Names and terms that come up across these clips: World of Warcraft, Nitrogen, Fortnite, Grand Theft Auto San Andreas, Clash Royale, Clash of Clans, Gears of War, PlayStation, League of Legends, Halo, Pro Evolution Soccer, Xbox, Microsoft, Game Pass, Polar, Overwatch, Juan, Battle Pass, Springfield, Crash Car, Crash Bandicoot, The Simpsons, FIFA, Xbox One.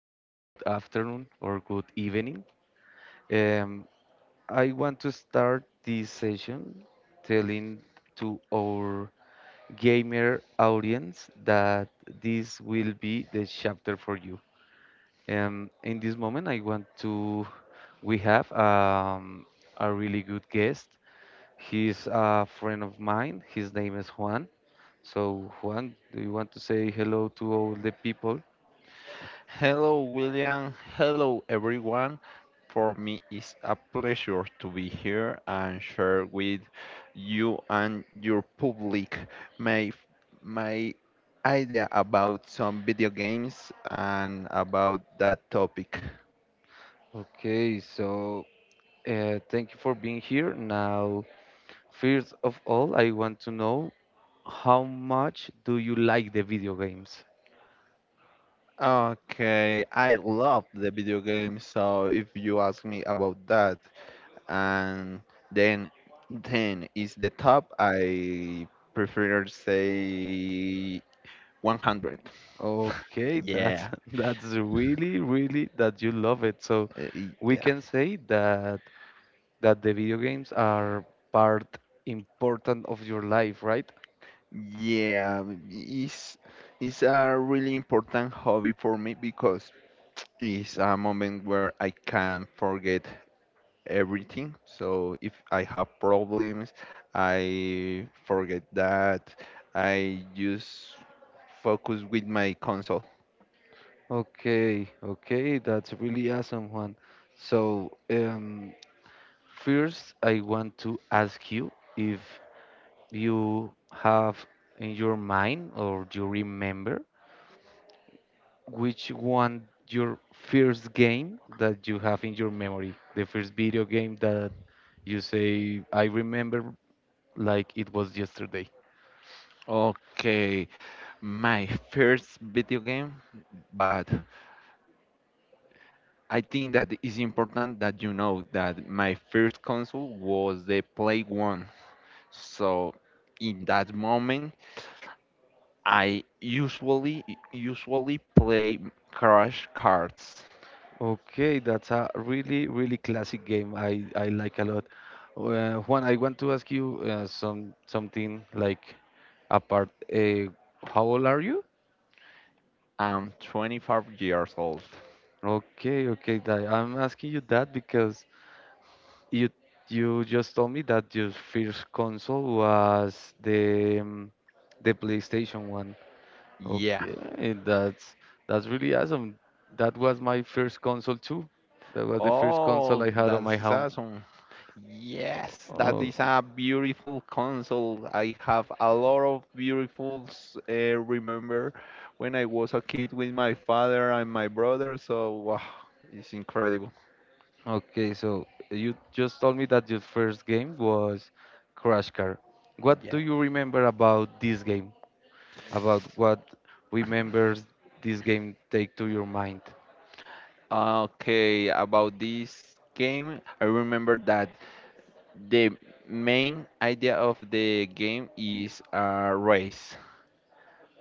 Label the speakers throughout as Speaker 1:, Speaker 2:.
Speaker 1: morning, good afternoon, or good evening. Um, I want to start this session telling to our gamer audience that this will be the chapter for you. In this moment, I want to. We have a really good guest. He's a friend of mine. His name is Juan. So, Juan, do you want to say hello to all the people?
Speaker 2: Hello, William. Hello, everyone. For me, it's a pleasure to be here and share with you and your public my my idea about some video games and about that topic.
Speaker 1: Okay, so thank you for being here. Now, first of all, I want to know how much do you like the video games?
Speaker 2: Okay, I love the video games, so if you ask me about that, and then 10 is the top, I prefer say 100.
Speaker 1: Okay, that's
Speaker 2: Yeah,
Speaker 1: that's really that you love it. So
Speaker 2: uh, y-
Speaker 1: we
Speaker 2: yeah,
Speaker 1: can say that the video games are part important of your life, right?
Speaker 2: yeah. It's it's a really important hobby for me because it's a moment where I can forget everything. So if I have problems, I forget that. I just focus with my console.
Speaker 1: Okay, okay, that's really awesome, Juan. So, first, I want to ask you if you have in your mind or you remember? Which one your first game that you have in your memory? The first video game that you say, I remember like it was yesterday.
Speaker 2: Okay, my first video game, but I think that it's important that you know that my first console was the Play One. So in that moment, I usually play Crash cards.
Speaker 1: Okay, that's a really, really classic game. I like a lot. Juan, I want to ask you some something like apart. Uh, how old are you?
Speaker 2: I'm 25 years old.
Speaker 1: Okay, okay. That, I'm asking you that because You you just told me that your first console was the PlayStation one.
Speaker 2: Yeah.
Speaker 1: Okay, that's that's really awesome. That was my first console too. That was the first console
Speaker 2: Oh,
Speaker 1: I had on
Speaker 2: that
Speaker 1: my
Speaker 2: is
Speaker 1: home.
Speaker 2: awesome. Yes, that
Speaker 1: Oh,
Speaker 2: is a beautiful console. I have a lot of beautiful remember when I was a kid with my father and my brother. So wow, it's incredible.
Speaker 1: okay. So you just told me that your first game was Crash Car. What do
Speaker 2: Yeah.
Speaker 1: you remember about this game? About what remembers this game take to your mind?
Speaker 2: Okay, about this game, I remember that the main idea of the game is a race.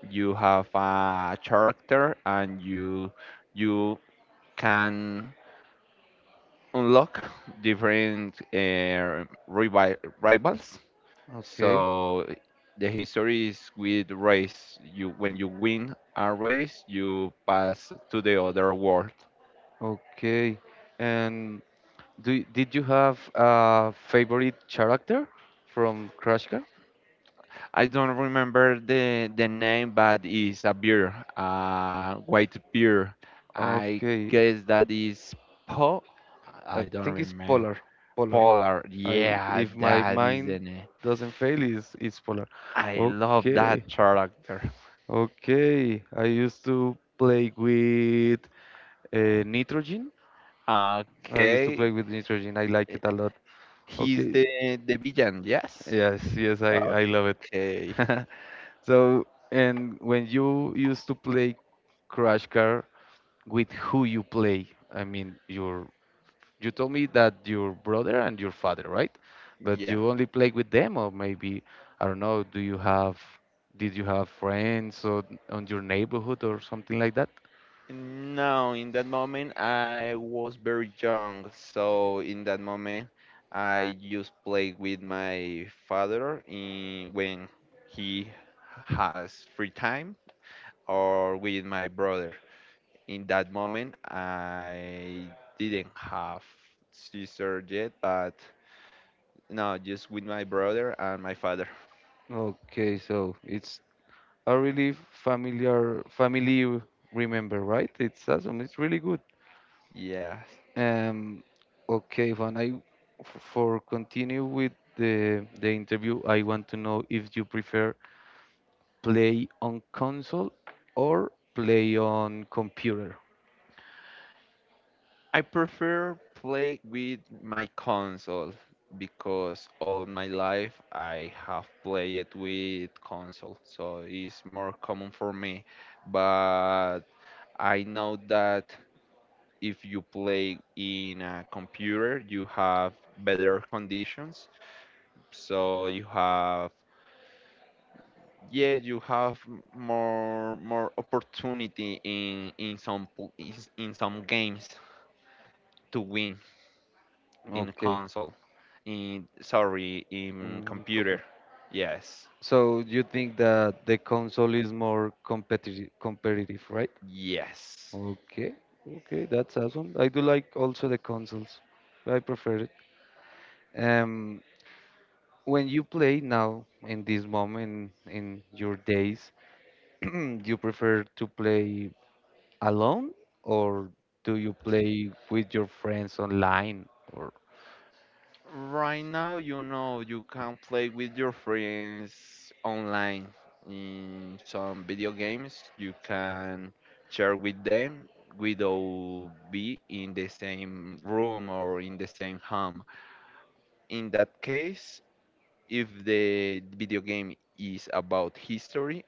Speaker 2: You have a character and you can unlock different rivals.
Speaker 1: Okay.
Speaker 2: So the history is with race. You when you win a race, you pass to the other world.
Speaker 1: Okay. And do did you have a favorite character from Crash Car?
Speaker 2: I don't remember the name, but it's a beer, white beer. I
Speaker 1: Okay.
Speaker 2: guess that is Po.
Speaker 1: I
Speaker 2: I don't
Speaker 1: think it's
Speaker 2: remember.
Speaker 1: Polar. Polar.
Speaker 2: Polar.
Speaker 1: I
Speaker 2: Yeah,
Speaker 1: if my
Speaker 2: that is the
Speaker 1: mind
Speaker 2: name.
Speaker 1: doesn't fail, is it's Polar.
Speaker 2: I love
Speaker 1: Okay.
Speaker 2: that character.
Speaker 1: Okay. I used to play with Nitrogen. I used to play
Speaker 2: Okay,
Speaker 1: with Nitrogen. I like
Speaker 2: eh,
Speaker 1: it a lot.
Speaker 2: he's
Speaker 1: Okay.
Speaker 2: the villain. Yes.
Speaker 1: Yes, yes, I love it.
Speaker 2: Okay.
Speaker 1: So, and when you used to play Crash Car, with who you play? I mean, your you told me that your brother and your father, right? But
Speaker 2: Yeah.
Speaker 1: you only play with them, or maybe I don't know. Do you have did you have friends or on your neighborhood or something like that?
Speaker 2: No, in that moment I was very young, so in that moment I just played with my father in when he has free time or with my brother. In that moment I didn't have sister yet, but no, just with my brother and my father.
Speaker 1: Okay, so it's a really familiar family you remember, right? It's awesome. It's really good.
Speaker 2: Yes.
Speaker 1: Um, okay, Juan, I for continue with the interview, I want to know if you prefer play on console or play on computer.
Speaker 2: I prefer play with my console because all my life I have played with console, so it's more common for me. But I know that if you play in a computer, you have better conditions, so you have yeah you have more opportunity in some po- in, s- in some games to win in
Speaker 1: Okay,
Speaker 2: console, in sorry, in computer.
Speaker 1: computer.
Speaker 2: Yes,
Speaker 1: So you think that the console is more competitive, right?
Speaker 2: yes.
Speaker 1: Okay, okay, that's awesome. I do like also the consoles. I prefer it. Um, when you play now in this moment in your days, you prefer to play alone or do you play with your friends online or
Speaker 2: Right now, you know, you can play with your friends online in some video games. You can share with them without be in the same room or in the same home. In that case, if the video game is about history,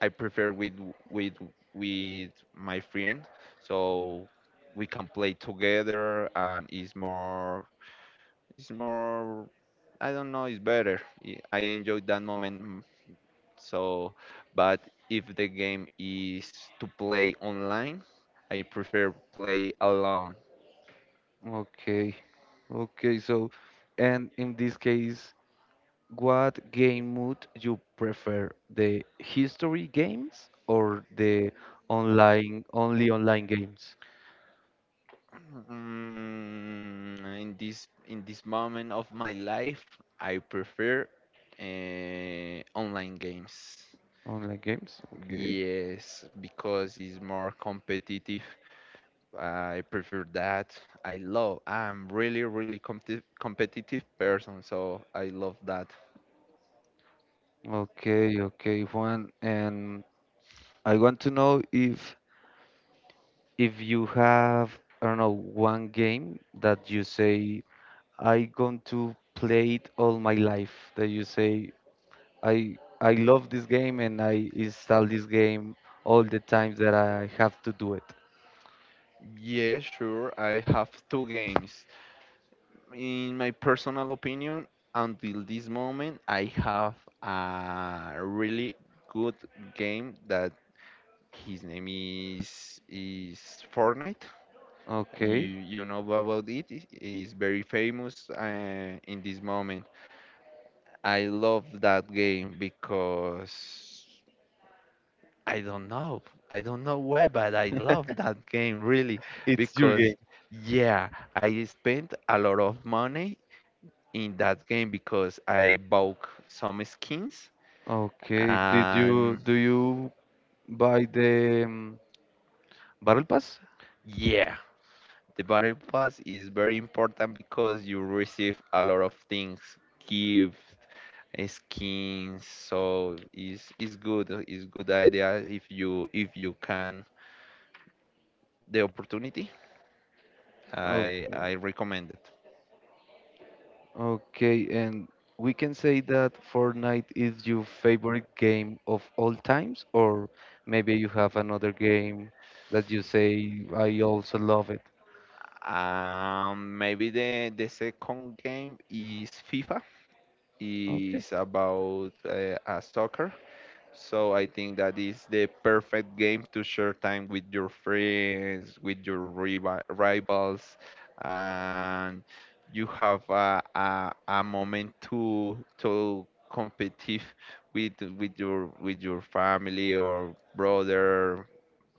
Speaker 2: I prefer with with my friend, so we can play together and it's more I don't know, it's better. I enjoy that moment. So, but if the game is to play online, I prefer play alone.
Speaker 1: okay okay so and in this case what game mode you prefer the history games or the online only
Speaker 2: In this moment of my life, I prefer online games.
Speaker 1: online games okay
Speaker 2: Yes, because it's more competitive. I prefer that. I love, I'm really, really competitive person, so I love that.
Speaker 1: okay okay Juan and I want to know if you have I don't know one game that you say I going to play it all my life. That you say I love this game and I install this game all the times that I have to do it.
Speaker 2: Yeah, sure. I have two games. In my personal opinion, until this moment, I have a really good game that his name is Fortnite.
Speaker 1: Okay,
Speaker 2: You know about it. It is very famous in this moment. I love that game because I don't know. I don't know why, but I love that game really
Speaker 1: it's your
Speaker 2: because
Speaker 1: game.
Speaker 2: yeah, I spent a lot of money in that game because I bought some skins
Speaker 1: Okay. Did you
Speaker 2: and
Speaker 1: do you buy the Battle Pass?
Speaker 2: yeah, the battle pass is very important because you receive a lot of things, gifts, skins, so it's good idea if you can the opportunity,
Speaker 1: Okay,
Speaker 2: I recommend it.
Speaker 1: okay. And we can say that Fortnite is your favorite game of all times, or maybe you have another game that you say I also love
Speaker 2: Maybe the second game is FIFA.
Speaker 1: it.
Speaker 2: Is about a soccer. So I think that is the perfect game to share time with your friends, with your rivals, and you have a moment to competitive with with your family or brother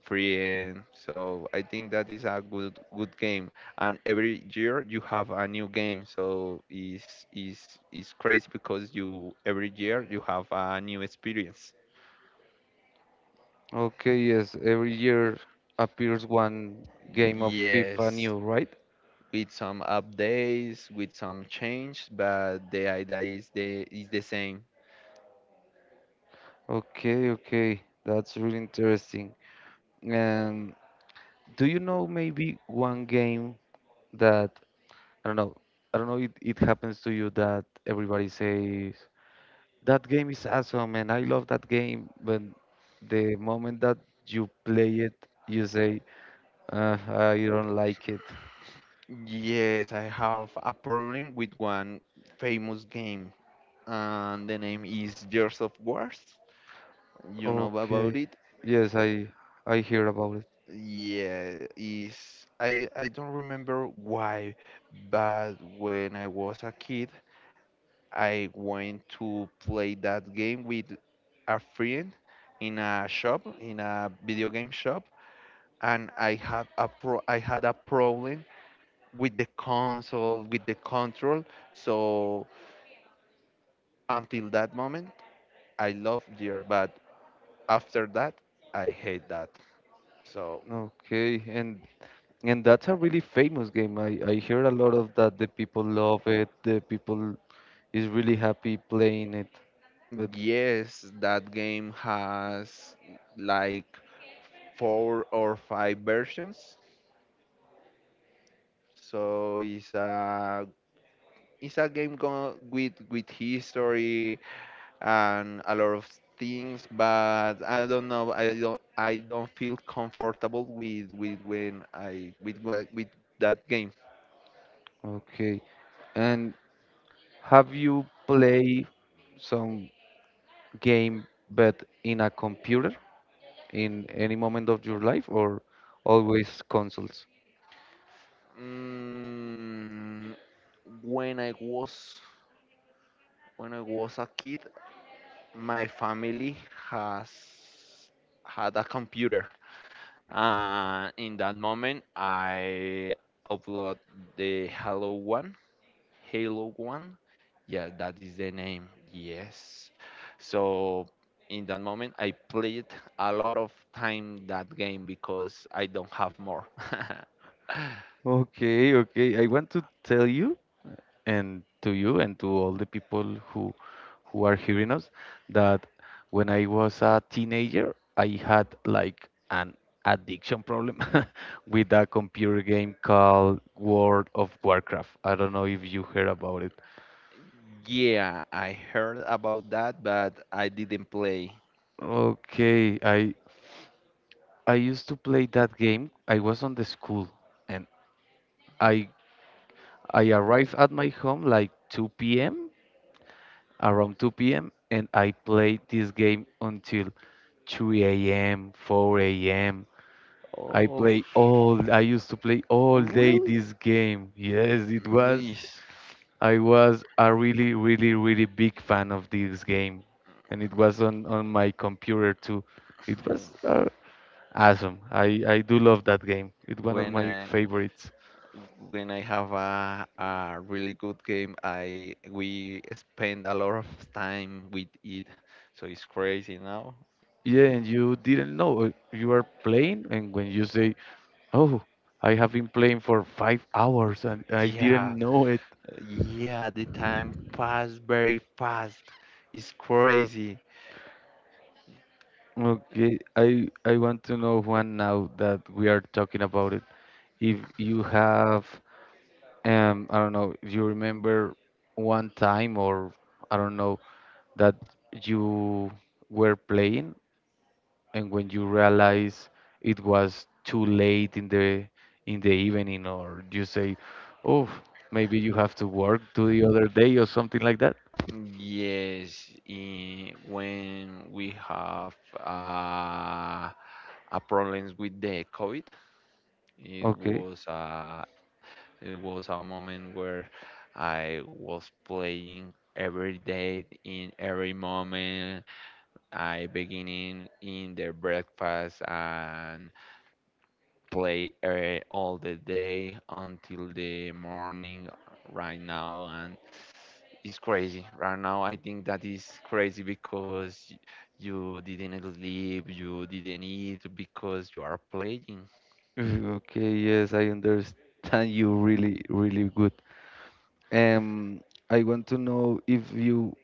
Speaker 2: friend. So I think that is a good game. And every year you have a new game. So is crazy because you every year you have a new experience.
Speaker 1: Okay, yes, every year appears one game of FIFA
Speaker 2: Yes,
Speaker 1: new, right?
Speaker 2: with some updates, with some change, but the idea is the same.
Speaker 1: Okay, okay, that's really interesting. And do you know maybe one game that I don't know, I don't know it, it happens to you that everybody says that game is awesome and I love that game, but the moment that you play it, you say, I don't like it.
Speaker 2: Yes, I have a problem with one famous game, and the name is Gears of Wars. You know about
Speaker 1: Okay,
Speaker 2: it?
Speaker 1: yes, I hear about it.
Speaker 2: Yeah, is I don't remember why, but when I was a kid, I went to play that game with a friend in a shop, in a video game shop, and I had a pro I had a problem with the console, with the control. So until that moment, I loved gear, but after that, I hate that. So
Speaker 1: Okay, and that's a really famous game. I hear a lot of that. The people love it. The people is really happy playing it. But
Speaker 2: yes, that game has like 4 or 5 versions. So it's a game go with history and a lot of things, but I don't know. I don't feel comfortable with that game.
Speaker 1: okay. And have you play some game but in a computer in any moment of your life or always consoles?
Speaker 2: Mm, when I was when I was a kid, my family has had a computer. In that moment, I upload the Halo One. Halo One, yeah, that is the name. Yes. So in that moment, I played a lot of time that game because I don't have more.
Speaker 1: Okay, okay. I want to tell you and to all the people who who are hearing us that when I was a teenager, I had like an addiction problem with a computer game called World of Warcraft. I don't know if you heard about it.
Speaker 2: Yeah, I heard about that, but I didn't play.
Speaker 1: Okay, I used to play that game. I was on the school and I I arrived at my home like 2 p.m. around 2 p.m. and I played this game until 3 a.m., 4 a.m. I
Speaker 2: Oh,
Speaker 1: play all, I used to play all day
Speaker 2: really?
Speaker 1: this game. Yes, it
Speaker 2: Mm,
Speaker 1: was.
Speaker 2: Yes.
Speaker 1: I was a really, really, really big fan of this game. And it was on my computer too. It
Speaker 2: Mm.
Speaker 1: was awesome. I do love that game. It's one of
Speaker 2: when
Speaker 1: my
Speaker 2: I
Speaker 1: favorites.
Speaker 2: when I have a really good game, I we spend a lot of time with it, so it's crazy now.
Speaker 1: Yeah, and you didn't know you are playing, and when you say Oh, I have been playing for 5 hours and I
Speaker 2: Yeah,
Speaker 1: didn't know it.
Speaker 2: yeah, the time passed very fast. It's crazy.
Speaker 1: Okay, I want to know one now that we are talking about it. If you have, I don't know, you remember one time or I don't know that you were playing and when you realize it was too late in the evening or you say, oh, maybe you have to work to the other day or something like that.
Speaker 2: Yes, when we have a problems with the COVID, it
Speaker 1: Okay.
Speaker 2: was uh, it was a moment where I was playing every day in every moment. I beginning in the breakfast and play all the day until the morning right now and it's crazy. Right now I think that is crazy because you didn't sleep, you didn't eat because you are playing.
Speaker 1: Okay, yes, I understand you really, really good. Um, I want to know if you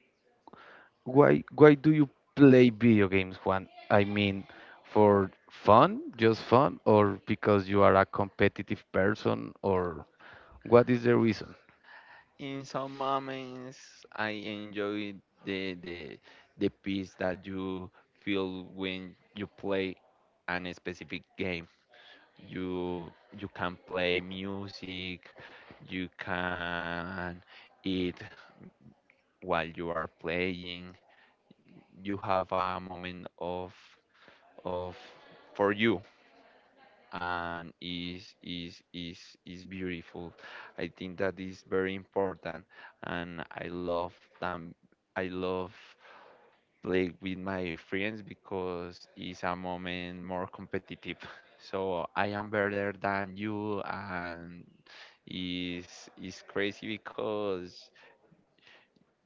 Speaker 1: why do you play video games, Juan? I mean, for fun, just fun, or because you are a competitive person, or what is the reason?
Speaker 2: In some moments I enjoy the the the peace that you feel when you play an specific game. You you can play music, you can eat while you are playing. You have a moment of of for you, and is beautiful. I think that is very important, and I love them. I love play with my friends because it's a moment more competitive. So I am better than you, and is is crazy because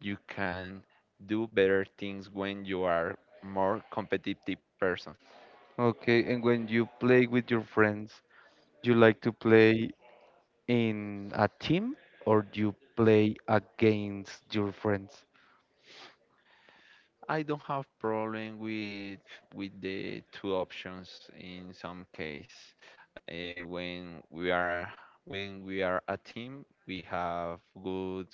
Speaker 2: you can do better things when you are more competitive person.
Speaker 1: Okay, and when you play with your friends, you like to play in a team or you play against your friends?
Speaker 2: I don't have problem with the two options in some case. Eh, when we are when we are a team, we have good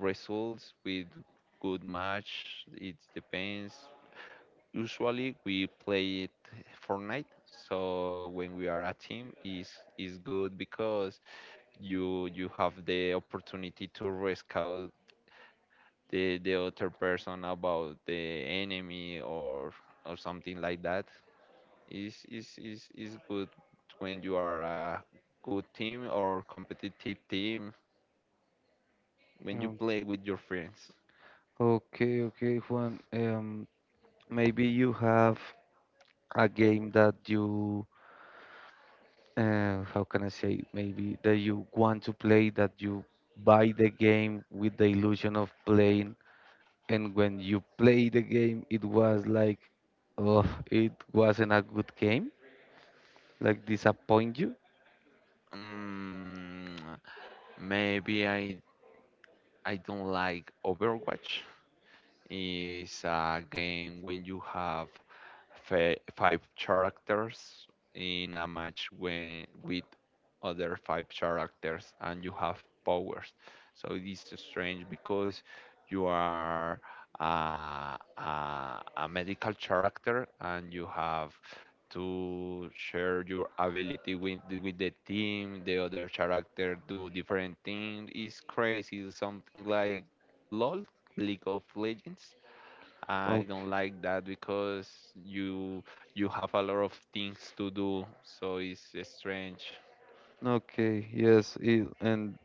Speaker 2: results with good match. It depends. Usually we play it Fortnite, so when we are a team is good because you have the opportunity to risk out the other person about the enemy or something like that is good when you are a good team or competitive team when you
Speaker 1: Um,
Speaker 2: play with your friends.
Speaker 1: Okay, okay, Juan. Maybe you have a game that you, how can I say, maybe that you want to play, that you buy the game with the illusion of playing, and when you play the game, it was like, oh, it wasn't a good game, like disappoint you.
Speaker 2: mm, Maybe I don't like Overwatch. It's a game when you have five characters in a match when, with other five characters and you have powers. So it is strange because you are a medical character and you have to share your ability with with the team the other character do different things. It's crazy, it's something like LOL, League of Legends. I
Speaker 1: Okay,
Speaker 2: don't like that because you you have a lot of things to do, so it's strange.
Speaker 1: okay, yes, it, and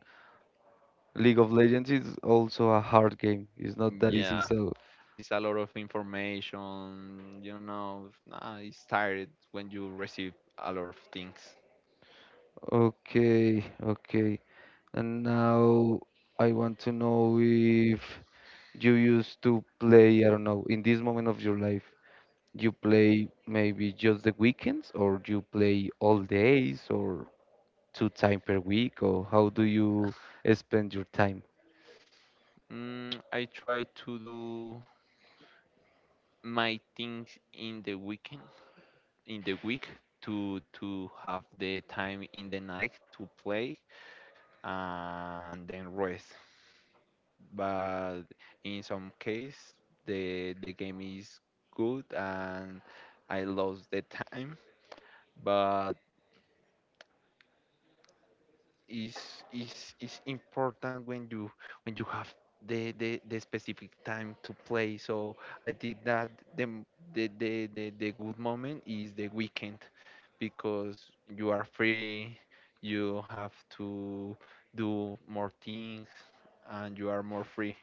Speaker 1: League of Legends is also a hard game. It's not that easy,
Speaker 2: Yeah,
Speaker 1: so
Speaker 2: it's a lot of information. You know, nah, it's tired when you receive a lot of things.
Speaker 1: okay, okay. And now I want to know if you used to play, I don't know, in this moment of your life, you play maybe just the weekends or you play all days or two time per week or how do you spend your time?
Speaker 2: I try to do my things in the weekend, in the week, to have the time in the night to play and then rest. But in some case the game is good and I lost the time, but it's important when you have the specific time to play. So I think that the, m- the good moment is the weekend because you are free, you have to do more things and you are more free.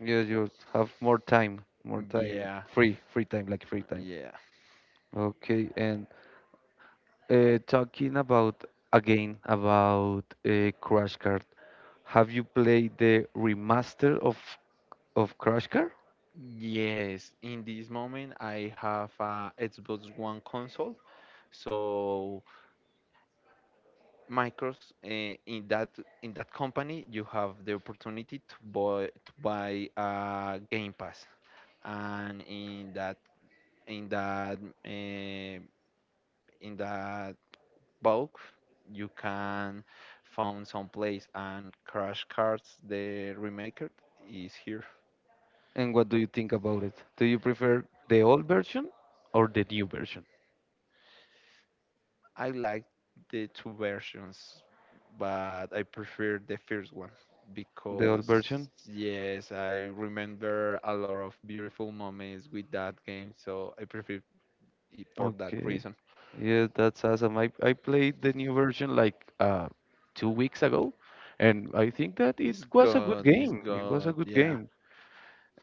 Speaker 1: Yeah, you have more time,
Speaker 2: Yeah,
Speaker 1: free, free time, like free time.
Speaker 2: yeah.
Speaker 1: Okay, and talking about again about Crash Card, have you played the remaster of Crash Card?
Speaker 2: Yes, in this moment I have a Xbox One console. So Microsoft, in that company, you have the opportunity to buy a Game Pass, and in in that uh, that bulk, you can find some place and Crash Cards the Remaker is here.
Speaker 1: And what do you think about it? Do you prefer the old version or the new version?
Speaker 2: I like the two versions, but I prefer the first one
Speaker 1: The old
Speaker 2: because
Speaker 1: version?
Speaker 2: yes, I remember a lot of beautiful moments with that game, so I prefer it for that
Speaker 1: Okay.
Speaker 2: reason.
Speaker 1: Yeah, that's awesome. I played the new version like 2 weeks ago, and I think that it was a good
Speaker 2: It's
Speaker 1: game. It was a
Speaker 2: good,
Speaker 1: good
Speaker 2: yeah.
Speaker 1: game.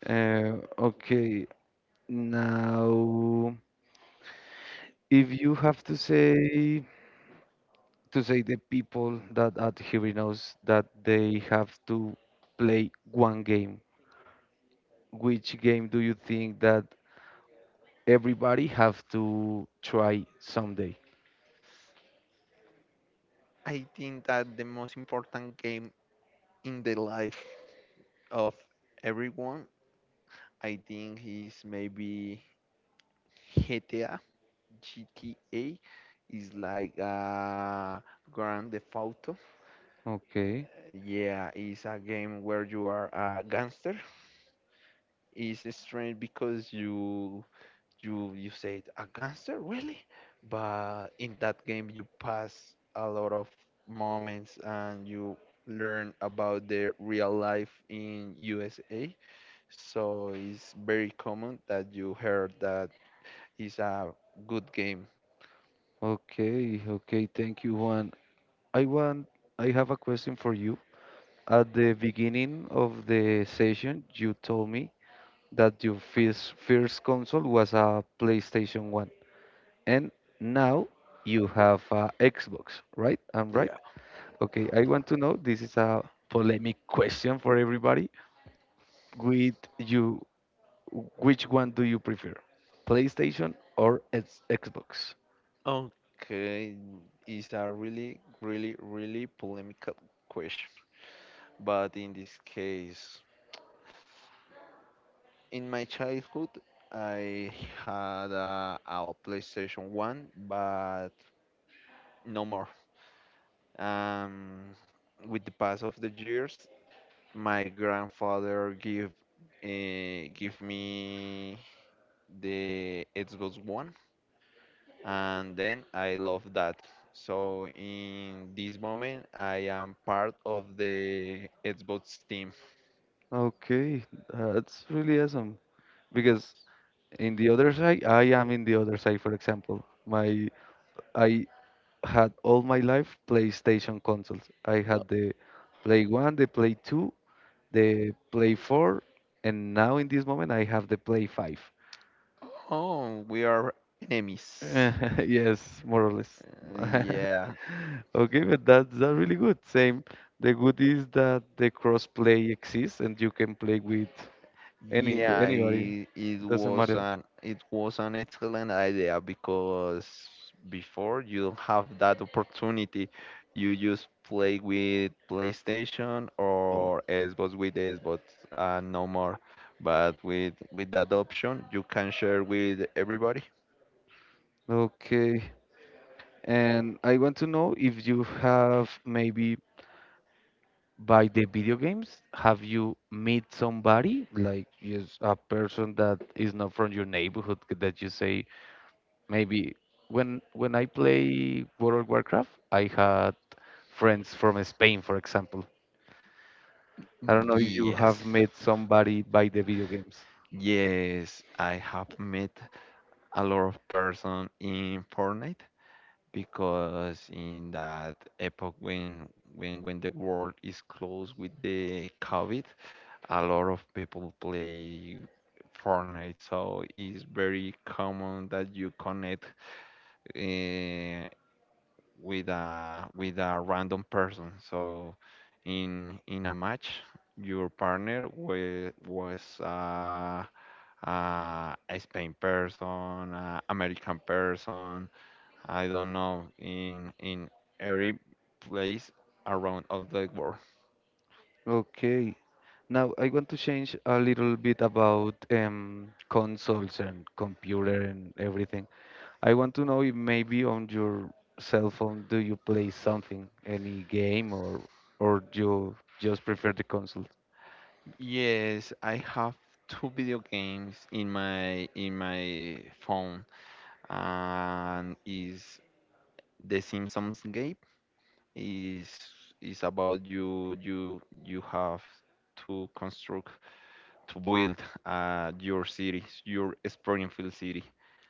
Speaker 1: Okay. Now, if you have to say the people that at Heroes that they have to play one game, which game do you think that everybody have to try someday.
Speaker 2: I think that the most important game in the life of everyone, I think is maybe GTA. GTA is like a Grand Theft Auto.
Speaker 1: Okay,
Speaker 2: Yeah, it's a game where you are a gangster. It's strange because you said a gangster, really? But in that game you pass a lot of moments and you learn about the real life in USA. So it's very common that you heard that it's a good game.
Speaker 1: okay, okay. Thank you, Juan. I want, I have a question for you. At the beginning of the session, you told me that your first console was a PlayStation 1, and now you have a Xbox, right? I'm right.
Speaker 2: Yeah.
Speaker 1: Okay, I want to know, this is a polemic question for everybody. With you Which one do you prefer, PlayStation or Xbox?
Speaker 2: Okay, it's a really, really, really polemical question. But in this case, in my childhood, I had a PlayStation 1, but no more. Um, with the pass of the years, my grandfather give me the Xbox One, and then I love that. So in this moment, I am part of the Xbox team.
Speaker 1: Okay, that's really awesome.
Speaker 2: Yes.
Speaker 1: Because in the other side, I am in the other side, for example. My I had all my life PlayStation consoles. I had the Play 1, the Play 2, the Play 4, and now in this moment I have the Play 5.
Speaker 2: Oh, we are enemies.
Speaker 1: Yes, more or less.
Speaker 2: Yeah,
Speaker 1: Okay, but that's that really good. Same. The good is that the crossplay exists and you can play with anybody. Doesn't matter.
Speaker 2: it was an excellent idea because before you don't have that opportunity. You just play with PlayStation or Xbox with Xbox, no more. But with that option, you can share with everybody.
Speaker 1: Okay. And I want to know if you have maybe by the video games, have you meet somebody like yes, a person that is not from your neighborhood that you say maybe when I play World of Warcraft, I had friends from Spain, for example. I don't know if you
Speaker 2: Yes.
Speaker 1: have met somebody by the video games.
Speaker 2: Yes, I have met a lot of person in Fortnite, because in that epoch when the world is closed with the COVID, a lot of people play Fortnite, so it's very common that you connect uh, with a random person. So in a match, your partner wa- was a Spain person, American person, I don't know, in every place around of the world.
Speaker 1: Okay. Now I want to change a little bit about consoles and computer and everything. I want to know if maybe on your cell phone do you play something, any game, or you just prefer the console?
Speaker 2: Yes, I have two video games in my phone, and is the Simpsons game is is about you have to construct to build your city, your Springfield city.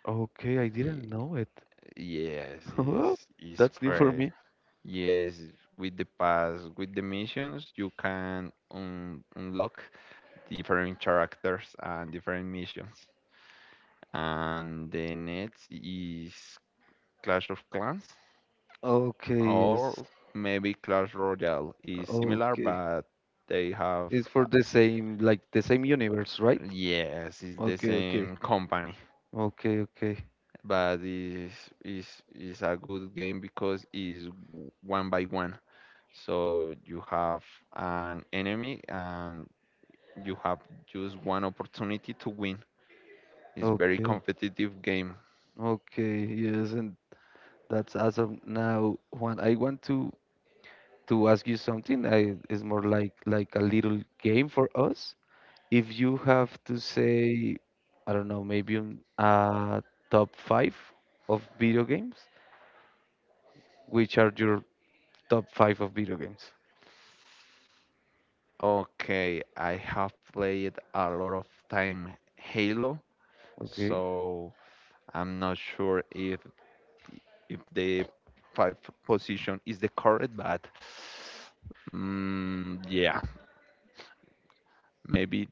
Speaker 1: Okay, I
Speaker 2: Y-
Speaker 1: didn't know it.
Speaker 2: Yes, is
Speaker 1: That's new for
Speaker 2: great.
Speaker 1: me.
Speaker 2: Yes, with the pass, with the missions, you can un unlock different characters and different missions. And the next is Clash of Clans
Speaker 1: Okay, yes.
Speaker 2: or maybe Clash Royale is similar,
Speaker 1: Okay.
Speaker 2: but they have
Speaker 1: It's for
Speaker 2: uh,
Speaker 1: the same, like the same universe, right?
Speaker 2: yes, it's the
Speaker 1: Okay, okay.
Speaker 2: same company,
Speaker 1: Okay, okay.
Speaker 2: but is a good game because it's one by one. So you have an enemy and you have just one opportunity to win. It's very
Speaker 1: Okay.
Speaker 2: competitive game.
Speaker 1: Okay. Yes, and that's as of now. One, I want to ask you something. I it's more like a little game for us. If you have to say, I don't know, maybe top five of video games, which are your top five of video games?
Speaker 2: Okay, I have played a lot of time Halo,
Speaker 1: Okay.
Speaker 2: so I'm not sure if the five position is the correct, but yeah, maybe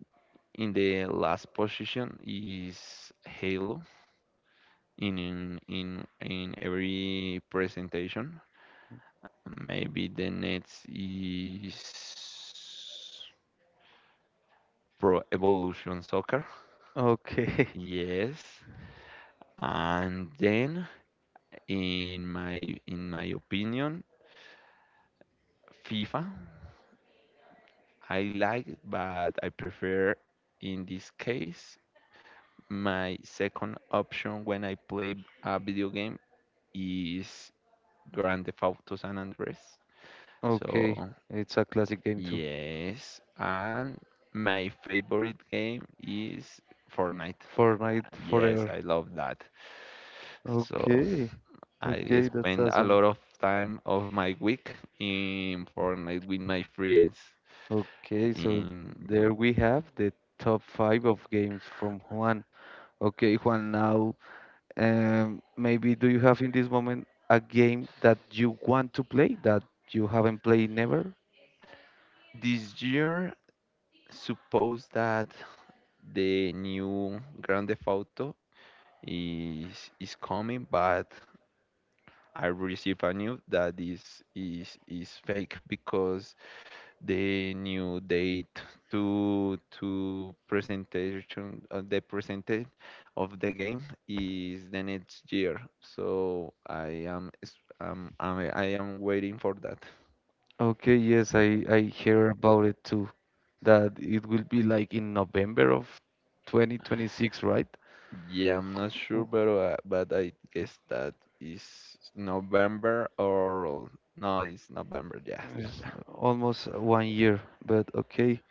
Speaker 2: in the last position is Halo in in every presentation. Maybe the next is Pro Evolution Soccer.
Speaker 1: Okay.
Speaker 2: Yes. And then in my opinion, FIFA I like, but I prefer in this case my second option when I play a video game is Grand Theft Auto San Andreas.
Speaker 1: Okay,
Speaker 2: So,
Speaker 1: it's a classic game too.
Speaker 2: yes, and my favorite game is Fortnite.
Speaker 1: Fortnite
Speaker 2: And yes,
Speaker 1: forever.
Speaker 2: I love that. So
Speaker 1: Okay.
Speaker 2: I
Speaker 1: Okay, that's
Speaker 2: spend a
Speaker 1: awesome.
Speaker 2: lot of time of my week in Fortnite with my friends.
Speaker 1: Okay, so
Speaker 2: In
Speaker 1: there we have the top five of games from Juan. Okay, Juan, now maybe do you have in this moment a game that you want to play that you haven't played never?
Speaker 2: this year, suppose that the new Grand Theft Auto is is coming, but I received a news that is fake because the new date to presentation the presentation of the game is the next year, so I am waiting for that.
Speaker 1: Okay, yes, I hear about it too. That it will be like in November of 2026, right?
Speaker 2: Yeah, I'm not sure, but I guess that is November or no, it's November, yeah, yeah,
Speaker 1: It's
Speaker 2: yeah.
Speaker 1: almost one year, but okay.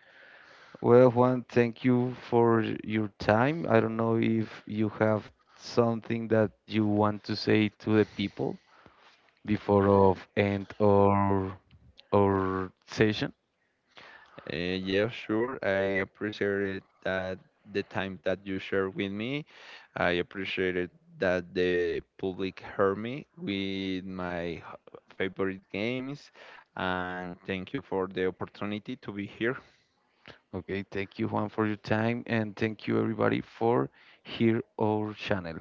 Speaker 1: Well, Juan, thank you for your time. I don't know if you have something that you want to say to the people before of end or session.
Speaker 2: Yeah, sure. I appreciated that the time that you shared with me. I appreciated that the public heard me with my favorite games. And thank you for the opportunity to be here.
Speaker 1: Okay, thank you, Juan, for your time, and thank you everybody for here our channel.